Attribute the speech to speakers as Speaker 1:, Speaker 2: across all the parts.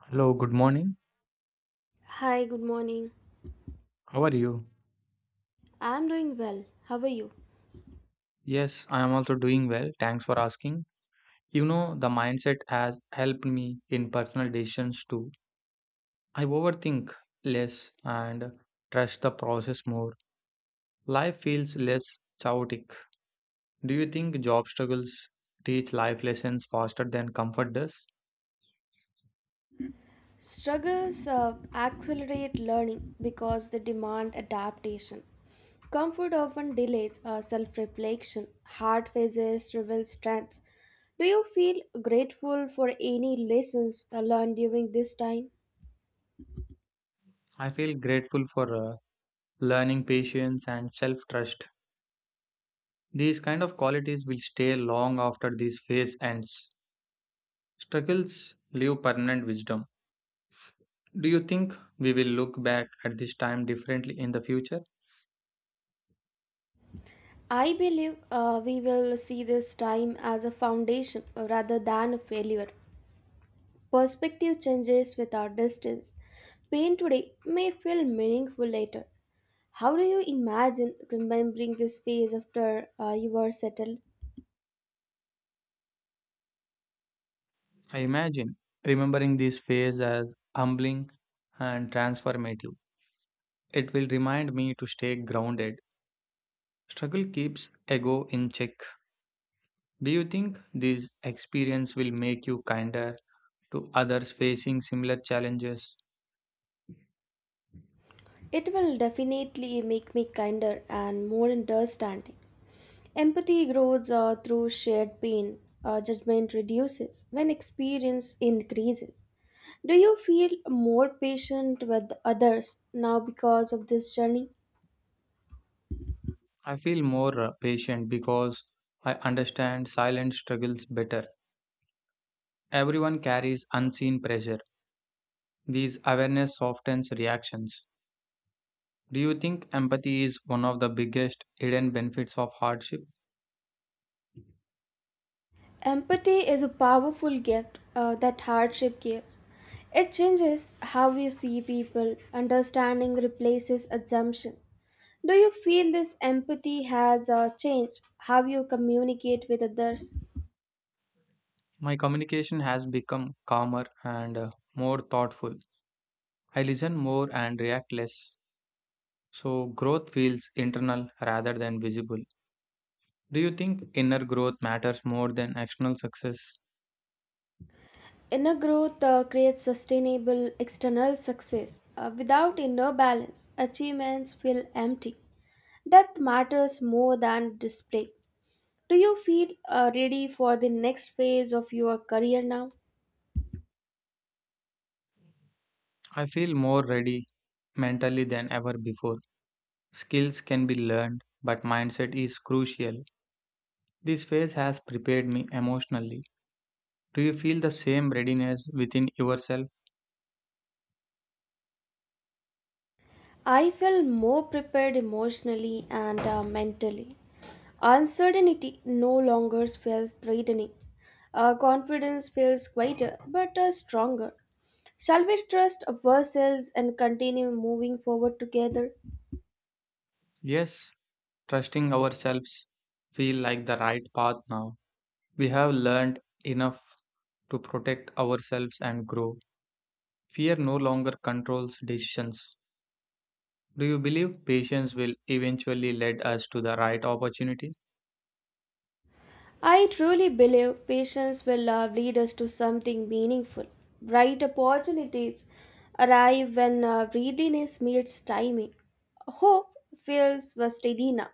Speaker 1: Hello, good morning.
Speaker 2: Hi, good morning.
Speaker 1: How are you?
Speaker 2: I'm doing well. How are you?
Speaker 1: Yes, I am also doing well. Thanks for asking. You know, the mindset has helped me in personal decisions too. I overthink less and trust the process more. Life feels less chaotic. Do you think job struggles teach life lessons faster than comfort does?
Speaker 2: Struggles accelerate learning because they demand adaptation. Comfort often delays self reflection, hard phases reveal strengths. Do you feel grateful for any lessons learned during this time?
Speaker 1: I feel grateful for learning patience and self trust. These kind of qualities will stay long after this phase ends. Struggles leave permanent wisdom. Do you think we will look back at this time differently in the future?
Speaker 2: I believe we will see this time as a foundation rather than a failure. Perspective changes with our distance. Pain today may feel meaningful later. How do you imagine remembering this phase after you are settled?
Speaker 1: I imagine remembering this phase as humbling and transformative. It will remind me to stay grounded. Struggle keeps ego in check. Do you think this experience will make you kinder to others facing similar challenges?
Speaker 2: It will definitely make me kinder and more understanding. Empathy grows through shared pain, judgment reduces when experience increases. Do you feel more patient with others now because of this journey?
Speaker 1: I feel more patient because I understand silent struggles better. Everyone carries unseen pressure. These awareness softens reactions. Do you think empathy is one of the biggest hidden benefits of hardship?
Speaker 2: Empathy is a powerful gift that hardship gives. It changes how we see people. Understanding replaces assumption. Do you feel this empathy has changed how you communicate with others?
Speaker 1: My communication has become calmer and more thoughtful. I listen more and react less. So, growth feels internal rather than visible. Do you think inner growth matters more than external success?
Speaker 2: Inner growth creates sustainable external success. Without inner balance, achievements feel empty. Depth matters more than display. Do you feel ready for the next phase of your career now?
Speaker 1: I feel more ready mentally than ever before. Skills can be learned, but mindset is crucial. This phase has prepared me emotionally. Do you feel the same readiness within yourself?
Speaker 2: I felt more prepared emotionally and mentally. Uncertainty no longer feels threatening. Our confidence feels quieter but stronger. Shall we trust ourselves and continue moving forward together?
Speaker 1: Yes, trusting ourselves feel like the right path now. We have learned enough to protect ourselves and grow. Fear no longer controls decisions. Do you believe patience will eventually lead us to the right opportunity?
Speaker 2: I truly believe patience will lead us to something meaningful. Bright opportunities arrive when readiness meets timing. Hope feels steady now.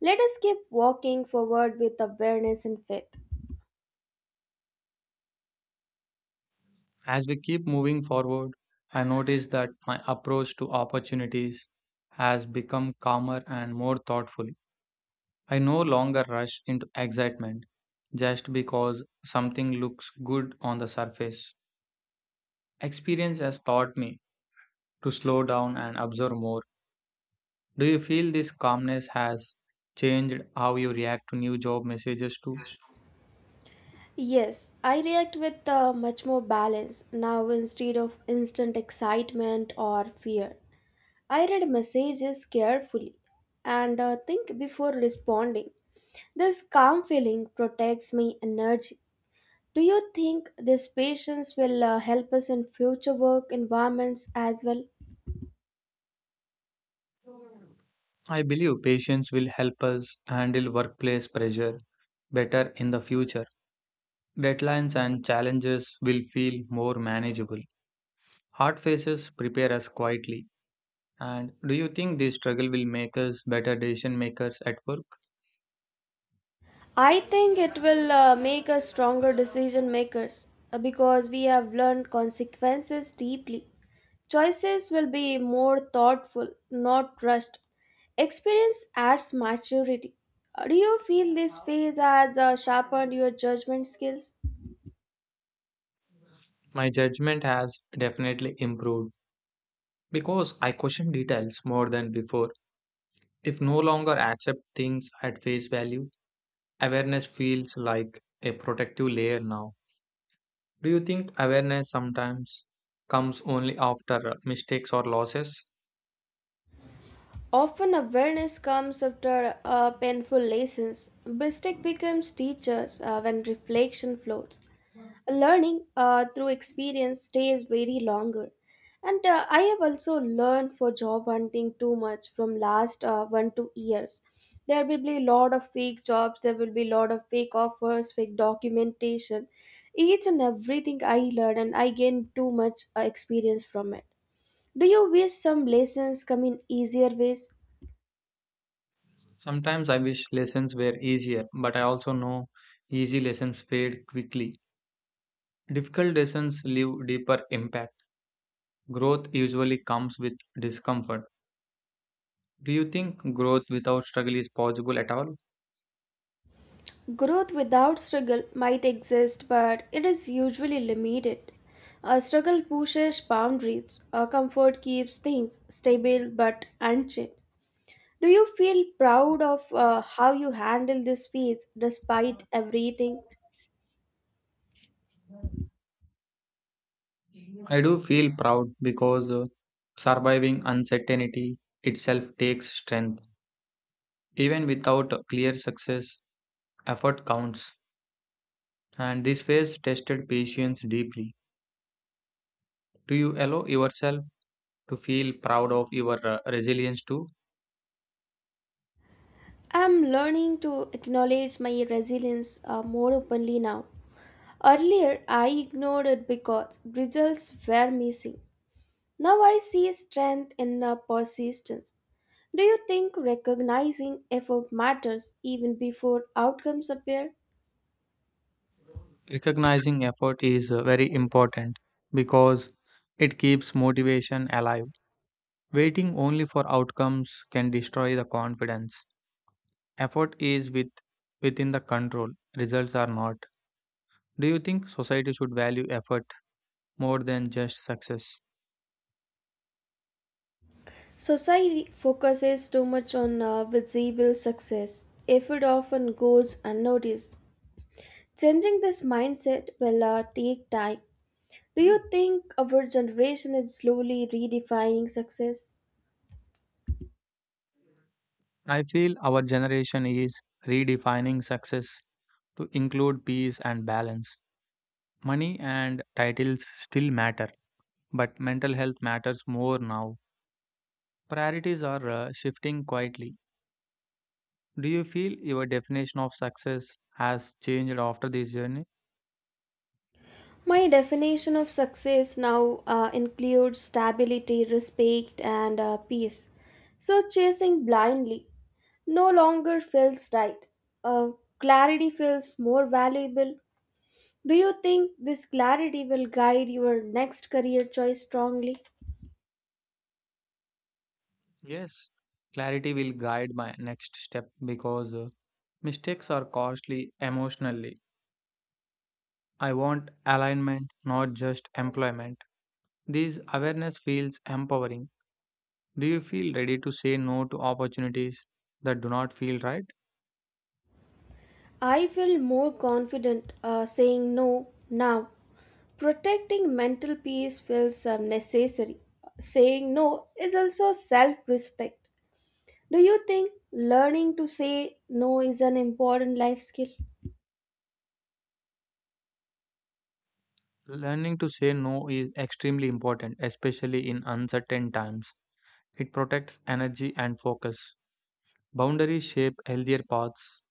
Speaker 2: Let us keep walking forward with awareness and faith.
Speaker 1: As we keep moving forward, I notice that my approach to opportunities has become calmer and more thoughtful. I no longer rush into excitement just because something looks good on the surface. Experience has taught me to slow down and observe more. Do you feel this calmness has changed how you react to new job messages too?
Speaker 2: Yes, I react with much more balance now instead of instant excitement or fear. I read messages carefully and think before responding. This calm feeling protects my energy. Do you think this patience will help us in future work environments as well?
Speaker 1: I believe patience will help us handle workplace pressure better in the future. Deadlines and challenges will feel more manageable. Hard phases prepare us quietly. And do you think this struggle will make us better decision makers at work?
Speaker 2: I think it will make us stronger decision makers because we have learned consequences deeply. Choices will be more thoughtful, not rushed. Experience adds maturity. Do you feel this phase has sharpened your judgment skills?
Speaker 1: My judgment has definitely improved because I question details more than before. If no longer accept things at face value, awareness feels like a protective layer now. Do you think awareness sometimes comes only after mistakes or losses?
Speaker 2: Often awareness comes after painful lessons. Mistake becomes teachers when reflection flows. Learning through experience stays very longer and I have also learned for job hunting too much from last 1-2 years there will be a lot of fake jobs there will be a lot of fake offers fake documentation each and everything I learned and I gained too much experience from it do you wish some lessons come in easier ways.
Speaker 1: Sometimes I wish lessons were easier, but I also know easy lessons fade quickly. Difficult lessons leave deeper impact. Growth usually comes with discomfort. Do you think growth without struggle is possible at all?
Speaker 2: Growth without struggle might exist, but it is usually limited. A struggle pushes boundaries, a comfort keeps things stable but unchanged. Do you feel proud of how you handle this phase despite everything?
Speaker 1: I do feel proud because surviving uncertainty itself takes strength. Even without a clear success, effort counts. And this phase tested patience deeply. Do you allow yourself to feel proud of your resilience too?
Speaker 2: I'm learning to acknowledge my resilience more openly now. Earlier, I ignored it because results were missing. Now I see strength in persistence. Do you think recognizing effort matters even before outcomes appear?
Speaker 1: Recognizing effort is very important because it keeps motivation alive. Waiting only for outcomes can destroy the confidence. Effort is with, Within the control, results are not. Do you think society should value effort more than just success?
Speaker 2: Society focuses too much on visible success. Effort often goes unnoticed. Changing this mindset will take time. Do you think our generation is slowly redefining success?
Speaker 1: I feel our generation is redefining success to include peace and balance. Money and titles still matter, but mental health matters more now. Priorities are shifting quietly. Do you feel your definition of success has changed after this journey?
Speaker 2: My definition of success now includes stability, respect, and peace. So, chasing blindly no longer feels right. Uh, Clarity feels more valuable. Do you think this clarity will guide your next career choice strongly?
Speaker 1: Yes. Clarity will guide my next step because mistakes are costly emotionally. I want alignment, not just employment. This awareness feels empowering. Do you feel ready to say no to opportunities that do not feel right?
Speaker 2: I feel more confident saying no now. Protecting mental peace feels necessary. Saying no is also self respect. Do you think learning to say no is an important life skill?
Speaker 1: Learning to say no is extremely important, especially in uncertain times. It protects energy and focus. Boundaries shape healthier paths.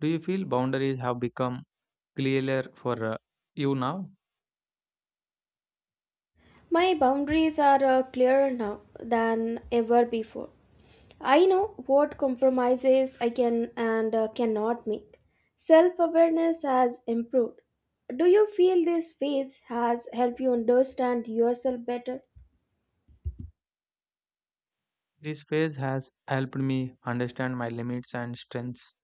Speaker 1: Do you feel boundaries have become clearer for you now?
Speaker 2: My boundaries are clearer now than ever before. I know what compromises I can and cannot make. Self awareness has improved. Do you feel this phase has helped you understand yourself better?
Speaker 1: This phase has helped me understand my limits and strengths.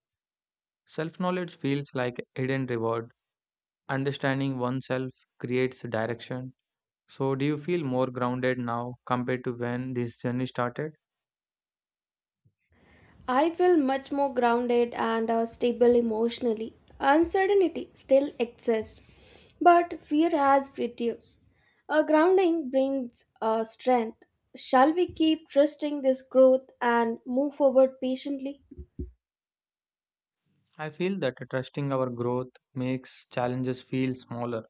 Speaker 1: Self knowledge feels like a hidden reward. Understanding oneself creates direction. So, do you feel more grounded now compared to when this journey started?
Speaker 2: I feel much more grounded and stable emotionally. Uncertainty still exists, but fear has reduced. A grounding brings strength. Shall we keep trusting this growth and move forward patiently?
Speaker 1: I feel that trusting our growth makes challenges feel smaller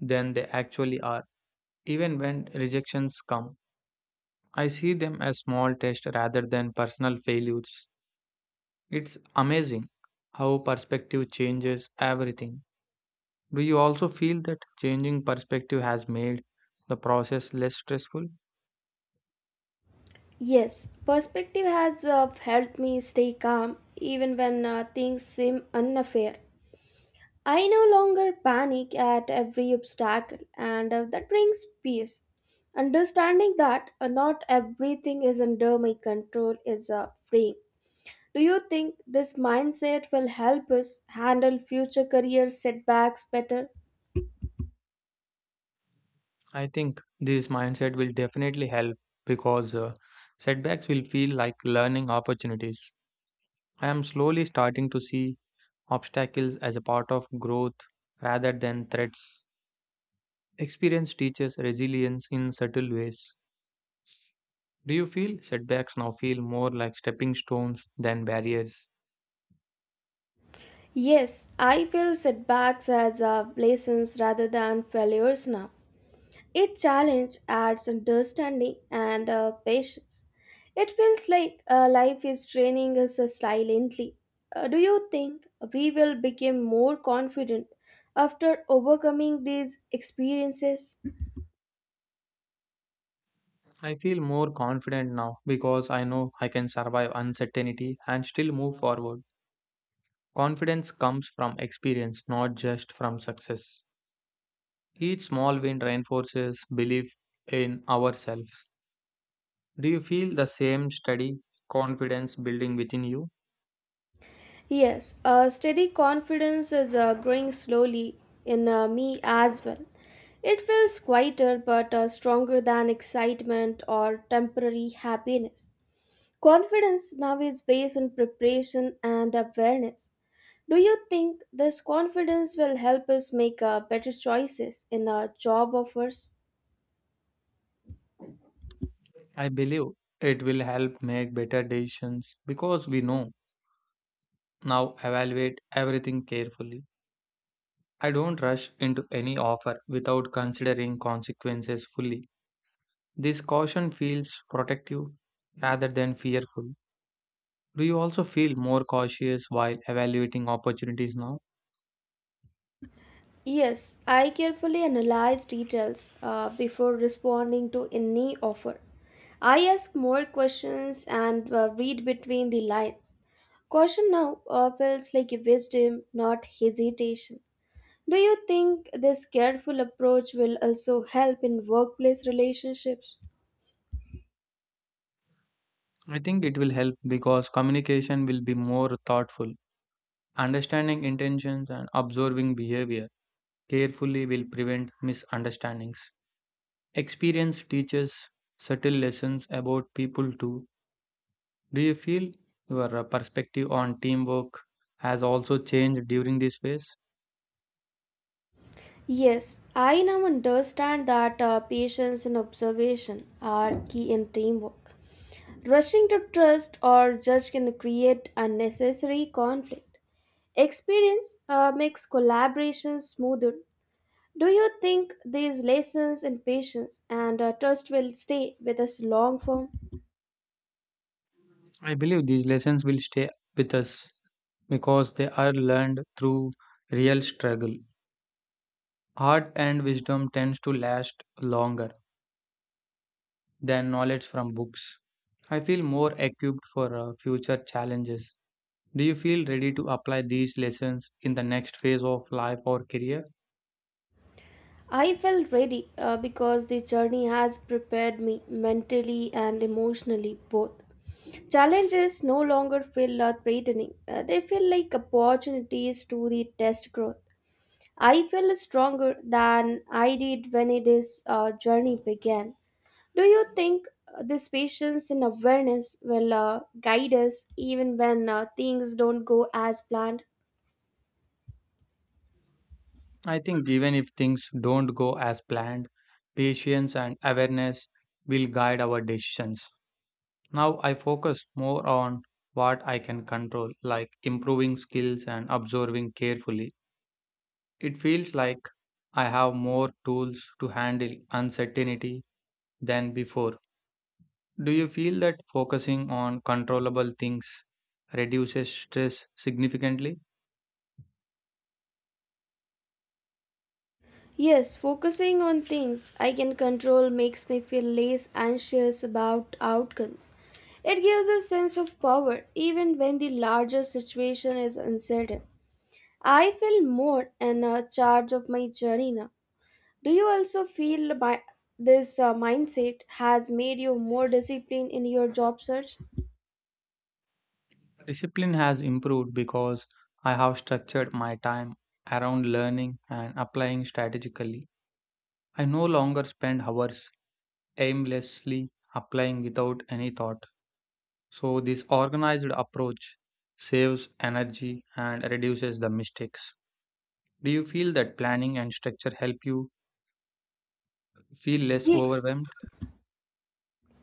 Speaker 1: than they actually are. Even when rejections come, I see them as small tests rather than personal failures. It's amazing how perspective changes everything. Do you also feel that changing perspective has made the process less stressful?
Speaker 2: Yes, perspective has helped me stay calm even when things seem unfair. I no longer panic at every obstacle, and that brings peace. Understanding that not everything is under my control is freeing. Do you think this mindset will help us handle future career setbacks better?
Speaker 1: I think this mindset will definitely help because setbacks will feel like learning opportunities. I am slowly starting to see obstacles as a part of growth rather than threats. Experience teaches resilience in subtle ways. Do you feel setbacks now feel more like stepping stones than barriers?
Speaker 2: Yes, I feel setbacks as lessons rather than failures now. Each challenge adds understanding and patience. It feels like life is training us silently. Do you think we will become more confident after overcoming these experiences?
Speaker 1: I feel more confident now because I know I can survive uncertainty and still move forward. Confidence comes from experience, not just from success. Each small win reinforces belief in ourselves. Do you feel the same steady confidence building within you?
Speaker 2: Yes, steady confidence is growing slowly in me as well. It feels quieter but stronger than excitement or temporary happiness. Confidence now is based on preparation and awareness. Do you think this confidence will help us make better choices in our job offers?
Speaker 1: I believe it will help make better decisions because we know now evaluate everything carefully. I don't rush into any offer without considering consequences fully. This caution feels protective rather than fearful. Do you also feel more cautious while evaluating opportunities now?
Speaker 2: Yes, I carefully analyze details before responding to any offer. I ask more questions and read between the lines. Caution now feels like wisdom, not hesitation. Do you think this careful approach will also help in workplace relationships?
Speaker 1: I think it will help because communication will be more thoughtful. Understanding intentions and observing behavior carefully will prevent misunderstandings. Experience teaches subtle lessons about people too. Do you feel your perspective on teamwork has also changed during this phase?
Speaker 2: Yes, I now understand that patience and observation are key in teamwork. Rushing to trust or judge can create unnecessary conflict. Experience makes collaboration smoother. Do you think these lessons in patience and trust will stay with us long form?
Speaker 1: I believe these lessons will stay with us because they are learned through real struggle. Art and wisdom tends to last longer than knowledge from books. I feel more equipped for future challenges. Do you feel ready to apply these lessons in the next phase of life or career?
Speaker 2: I felt ready because the journey has prepared me mentally and emotionally both. Challenges no longer feel threatening, they feel like opportunities to the test growth. I feel stronger than I did when this journey began. Do you think this patience and awareness will guide us even when things don't go as planned?
Speaker 1: I think even if things don't go as planned, patience and awareness will guide our decisions. Now I focus more on what I can control, like improving skills and observing carefully. It feels like I have more tools to handle uncertainty than before. Do you feel that focusing on controllable things reduces stress significantly?
Speaker 2: Yes, focusing on things I can control makes me feel less anxious about outcome. It gives a sense of power even when the larger situation is uncertain. I feel more in a charge of my journey now. Do you also feel this mindset has made you more disciplined in your job search?
Speaker 1: Discipline has improved because I have structured my time around learning and applying strategically. I no longer spend hours aimlessly applying without any thought. So, this organized approach saves energy and reduces the mistakes. Do you feel that planning and structure help you feel less
Speaker 2: Ye-
Speaker 1: overwhelmed?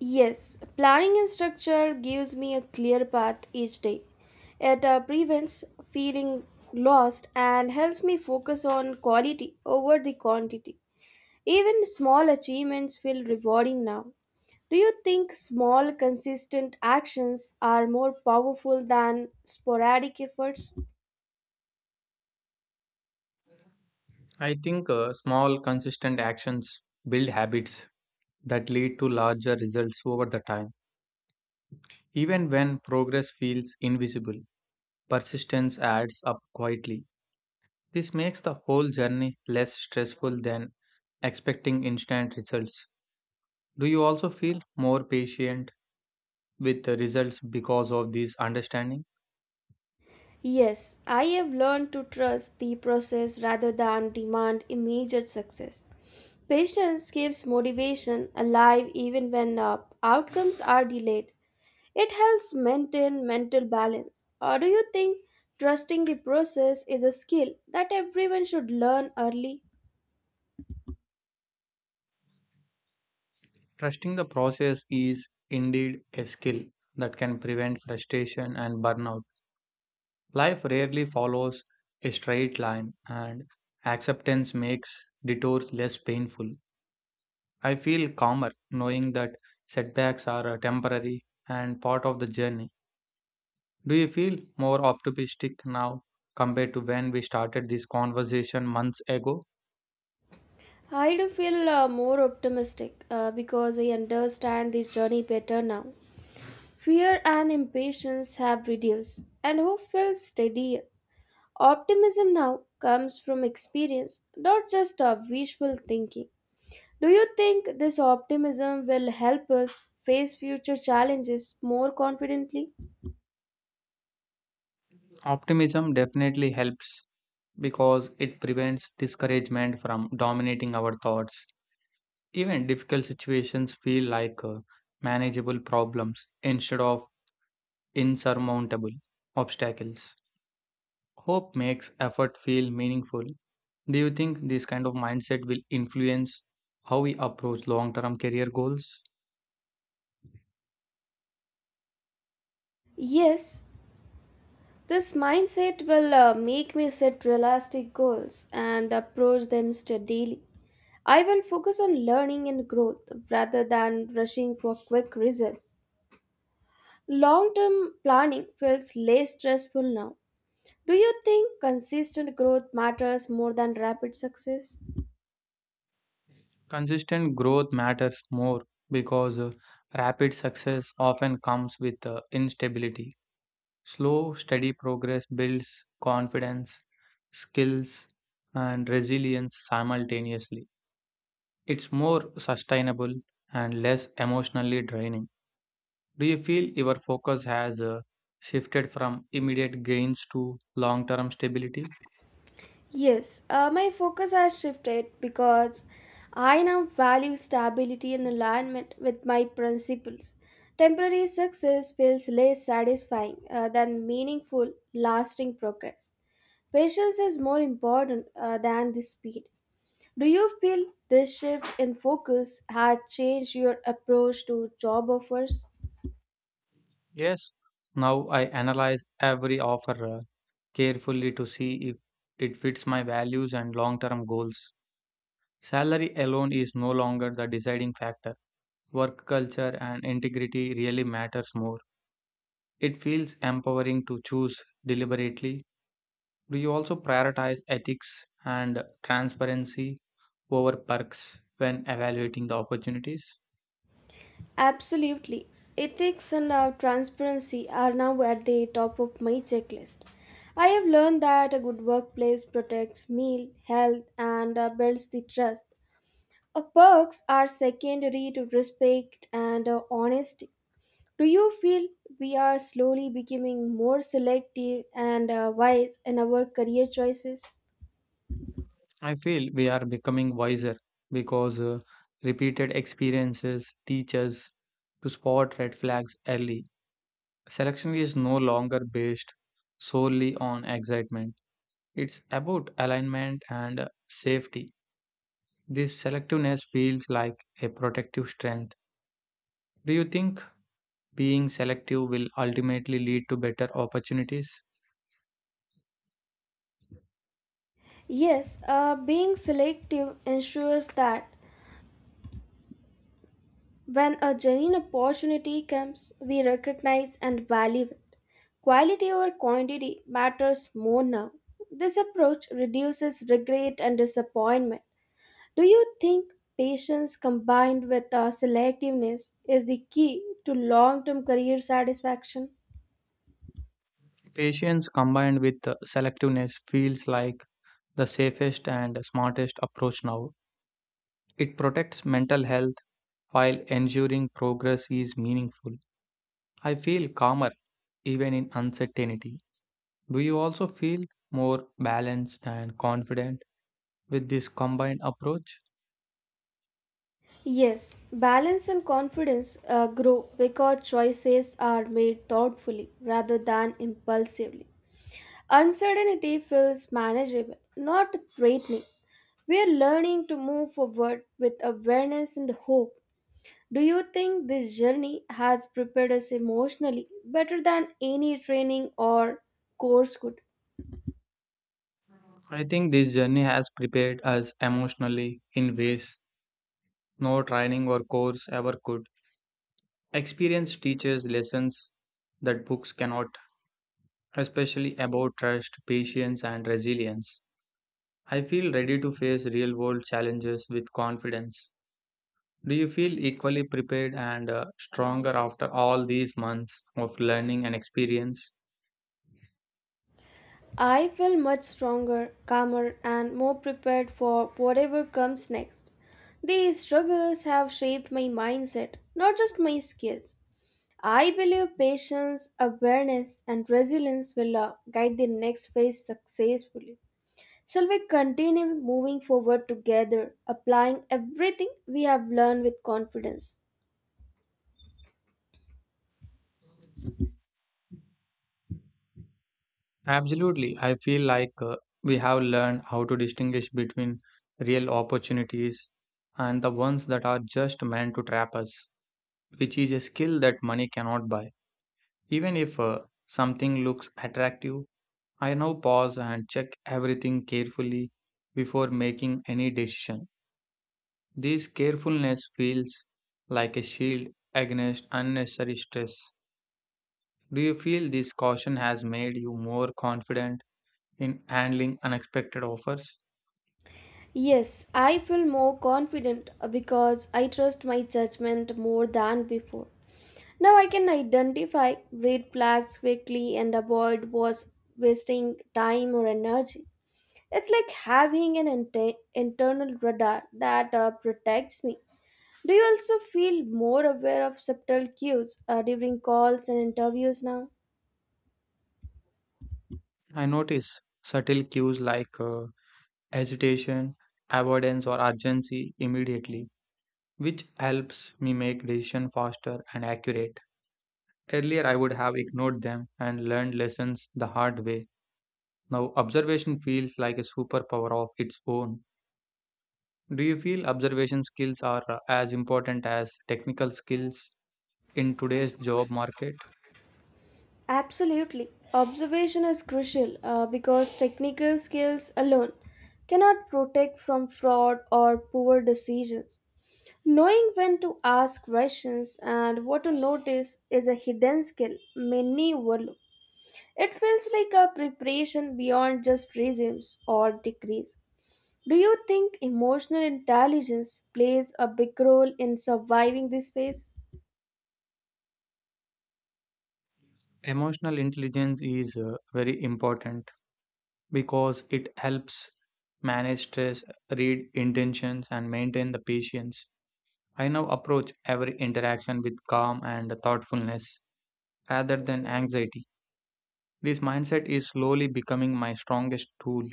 Speaker 2: Yes, planning and structure gives me a clear path each day. It prevents feeling lost and helps me focus on quality over the quantity. Even small achievements feel rewarding now. Do you think small, consistent actions are more powerful than sporadic efforts?
Speaker 1: I think small, consistent actions build habits that lead to larger results over the time. Even when progress feels invisible, persistence adds up quietly. This makes the whole journey less stressful than expecting instant results. Do you also feel more patient with the results because of this understanding?
Speaker 2: Yes, I have learned to trust the process rather than demand immediate success. Patience keeps motivation alive even when outcomes are delayed. It helps maintain mental balance. Or do you think trusting the process is a skill that everyone should learn early?
Speaker 1: Trusting the process is indeed a skill that can prevent frustration and burnout. Life rarely follows a straight line, and acceptance makes detours less painful. I feel calmer knowing that setbacks are temporary and part of the journey. Do you feel more optimistic now compared to when we started this conversation months ago?
Speaker 2: I do feel more optimistic because I understand the journey better now. Fear and impatience have reduced, and hope feels steadier. Optimism now comes from experience, not just our wishful thinking. Do you think this optimism will help us face future challenges more confidently?
Speaker 1: Optimism definitely helps because it prevents discouragement from dominating our thoughts. Even difficult situations feel like manageable problems instead of insurmountable obstacles. Hope makes effort feel meaningful. Do you think this kind of mindset will influence how we approach long term career goals?
Speaker 2: Yes, this mindset will make me set realistic goals and approach them steadily. I will focus on learning and growth rather than rushing for quick results. Long term planning feels less stressful now. Do you think consistent growth matters more than rapid success?
Speaker 1: Consistent growth matters more because rapid success often comes with instability. Slow, steady progress builds confidence, skills, and resilience simultaneously. It's more sustainable and less emotionally draining. Do you feel your focus has shifted from immediate gains to long term stability?
Speaker 2: Yes, my focus has shifted because I now value stability and alignment with my principles. Temporary success feels less satisfying than meaningful, lasting progress. Patience is more important than the speed. Do you feel this shift in focus has changed your approach to job offers?
Speaker 1: Yes. Now I analyze every offer carefully to see if it fits my values and long term goals. Salary alone is no longer the deciding factor. Work culture and integrity really matters more. It feels empowering to choose deliberately. Do you also prioritize ethics and transparency over perks when evaluating the opportunities?
Speaker 2: Absolutely. Ethics and transparency are now at the top of my checklist. I have learned that a good workplace protects meal, health, and builds the trust. Perks are secondary to respect and honesty. Do you feel we are slowly becoming more selective and wise in our career choices?
Speaker 1: I feel we are becoming wiser because repeated experiences teach us to spot red flags early. Selection is no longer based solely on excitement, it's about alignment and safety. This selectiveness feels like a protective strength. Do you think being selective will ultimately lead to better opportunities?
Speaker 2: Yes, being selective ensures that when a genuine opportunity comes, we recognize and value it. Quality over quantity matters more now. This approach reduces regret and disappointment. Do you think patience combined with selectiveness is the key to long term career satisfaction?
Speaker 1: Patience combined with selectiveness feels like the safest and smartest approach now. It protects mental health while ensuring progress is meaningful. I feel calmer even in uncertainty. Do you also feel more balanced and confident with this combined approach?
Speaker 2: Yes, balance and confidence grow because choices are made thoughtfully rather than impulsively. Uncertainty feels manageable, not threatening. We are learning to move forward with awareness and hope. Do you think this journey has prepared us emotionally better than any training or course could?
Speaker 1: I think this journey has prepared us emotionally in ways no training or course ever could. Experience teaches lessons that books cannot, especially about trust, patience, and resilience. I feel ready to face real world challenges with confidence. Do you feel equally prepared and stronger after all these months of learning and experience?
Speaker 2: I feel much stronger, calmer, and more prepared for whatever comes next. These struggles have shaped my mindset, not just my skills. I believe patience, awareness, and resilience will guide the next phase successfully. Shall we continue moving forward together, applying everything we have learned with confidence?
Speaker 1: Absolutely. I feel like we have learned how to distinguish between real opportunities and the ones that are just meant to trap us, which is a skill that money cannot buy. Even if something looks attractive, I now pause and check everything carefully before making any decision. This carefulness feels like a shield against unnecessary stress. Do you feel this caution has made you more confident in handling unexpected offers?
Speaker 2: Yes, I feel more confident because I trust my judgment more than before. Now I can identify red flags quickly and avoid what's wasting time or energy. It's like having an internal radar that protects me. Do you also feel more aware of subtle cues during calls and interviews now?
Speaker 1: I notice subtle cues like hesitation, avoidance, or urgency immediately, which helps me make decisions faster and accurate. Earlier, I would have ignored them and learned lessons the hard way. Now, observation feels like a superpower of its own. Do you feel observation skills are as important as technical skills in today's job market?
Speaker 2: Absolutely. Observation is crucial because technical skills alone cannot protect from fraud or poor decisions. Knowing when to ask questions and what to notice is a hidden skill many overlook. It feels like a preparation beyond just resumes or degrees. Do you think emotional intelligence plays a big role in surviving this phase?
Speaker 1: Emotional intelligence is very important because it helps manage stress, read intentions, and maintain the patience. I now approach every interaction with calm and thoughtfulness rather than anxiety. This mindset is slowly becoming my strongest tool.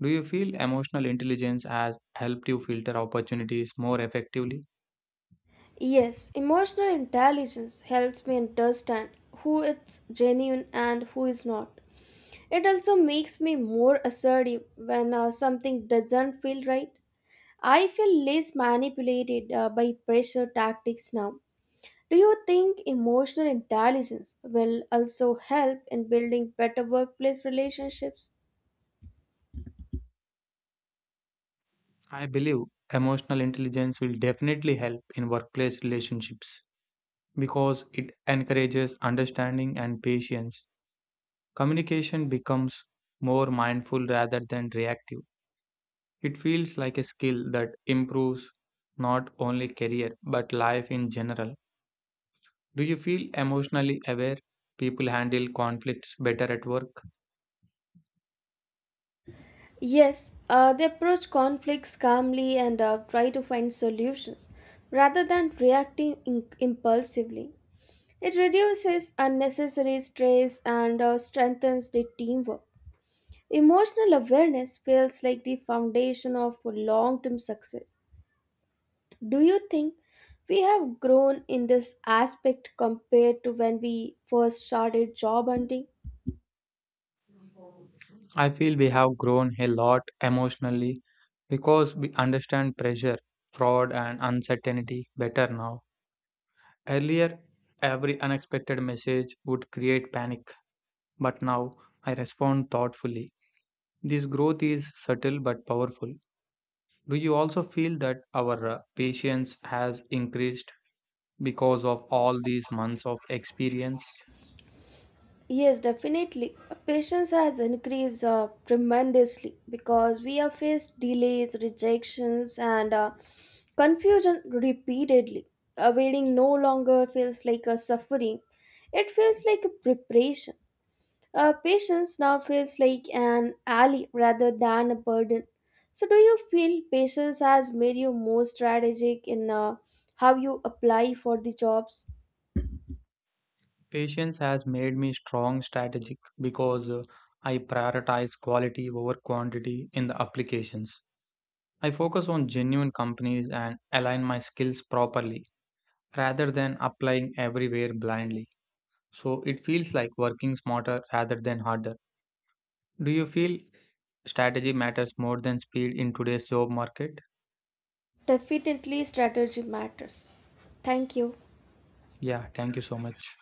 Speaker 1: Do you feel emotional intelligence has helped you filter opportunities more effectively?
Speaker 2: Yes, emotional intelligence helps me understand who is genuine and who is not. It also makes me more assertive when something doesn't feel right. I feel less manipulated by pressure tactics now. Do you think emotional intelligence will also help in building better workplace relationships?
Speaker 1: I believe emotional intelligence will definitely help in workplace relationships because it encourages understanding and patience. Communication becomes more mindful rather than reactive. It feels like a skill that improves not only career but life in general. Do you feel emotionally aware people handle conflicts better at work?
Speaker 2: Yes, they approach conflicts calmly and try to find solutions rather than reacting impulsively. It reduces unnecessary stress and strengthens the teamwork. Emotional awareness feels like the foundation of long term success. Do you think we have grown in this aspect compared to when we first started job hunting?
Speaker 1: I feel we have grown a lot emotionally because we understand pressure, fraud, and uncertainty better now. Earlier, every unexpected message would create panic, but now I respond thoughtfully. This growth is subtle but powerful. Do you also feel that our patience has increased because of all these months of experience?
Speaker 2: Yes, definitely. Patience has increased tremendously because we have faced delays, rejections, and confusion repeatedly. Waiting no longer feels like a suffering, it feels like a preparation. Patience now feels like an ally rather than a burden. So, do you feel patience has made you more strategic in how you apply for the jobs?
Speaker 1: Patience has made me strong strategic because I prioritize quality over quantity in the applications. I focus on genuine companies and align my skills properly rather than applying everywhere blindly. So it feels like working smarter rather than harder. Do you feel strategy matters more than speed in today's job market?
Speaker 2: Definitely, strategy matters. Thank you.
Speaker 1: Yeah, thank you so much.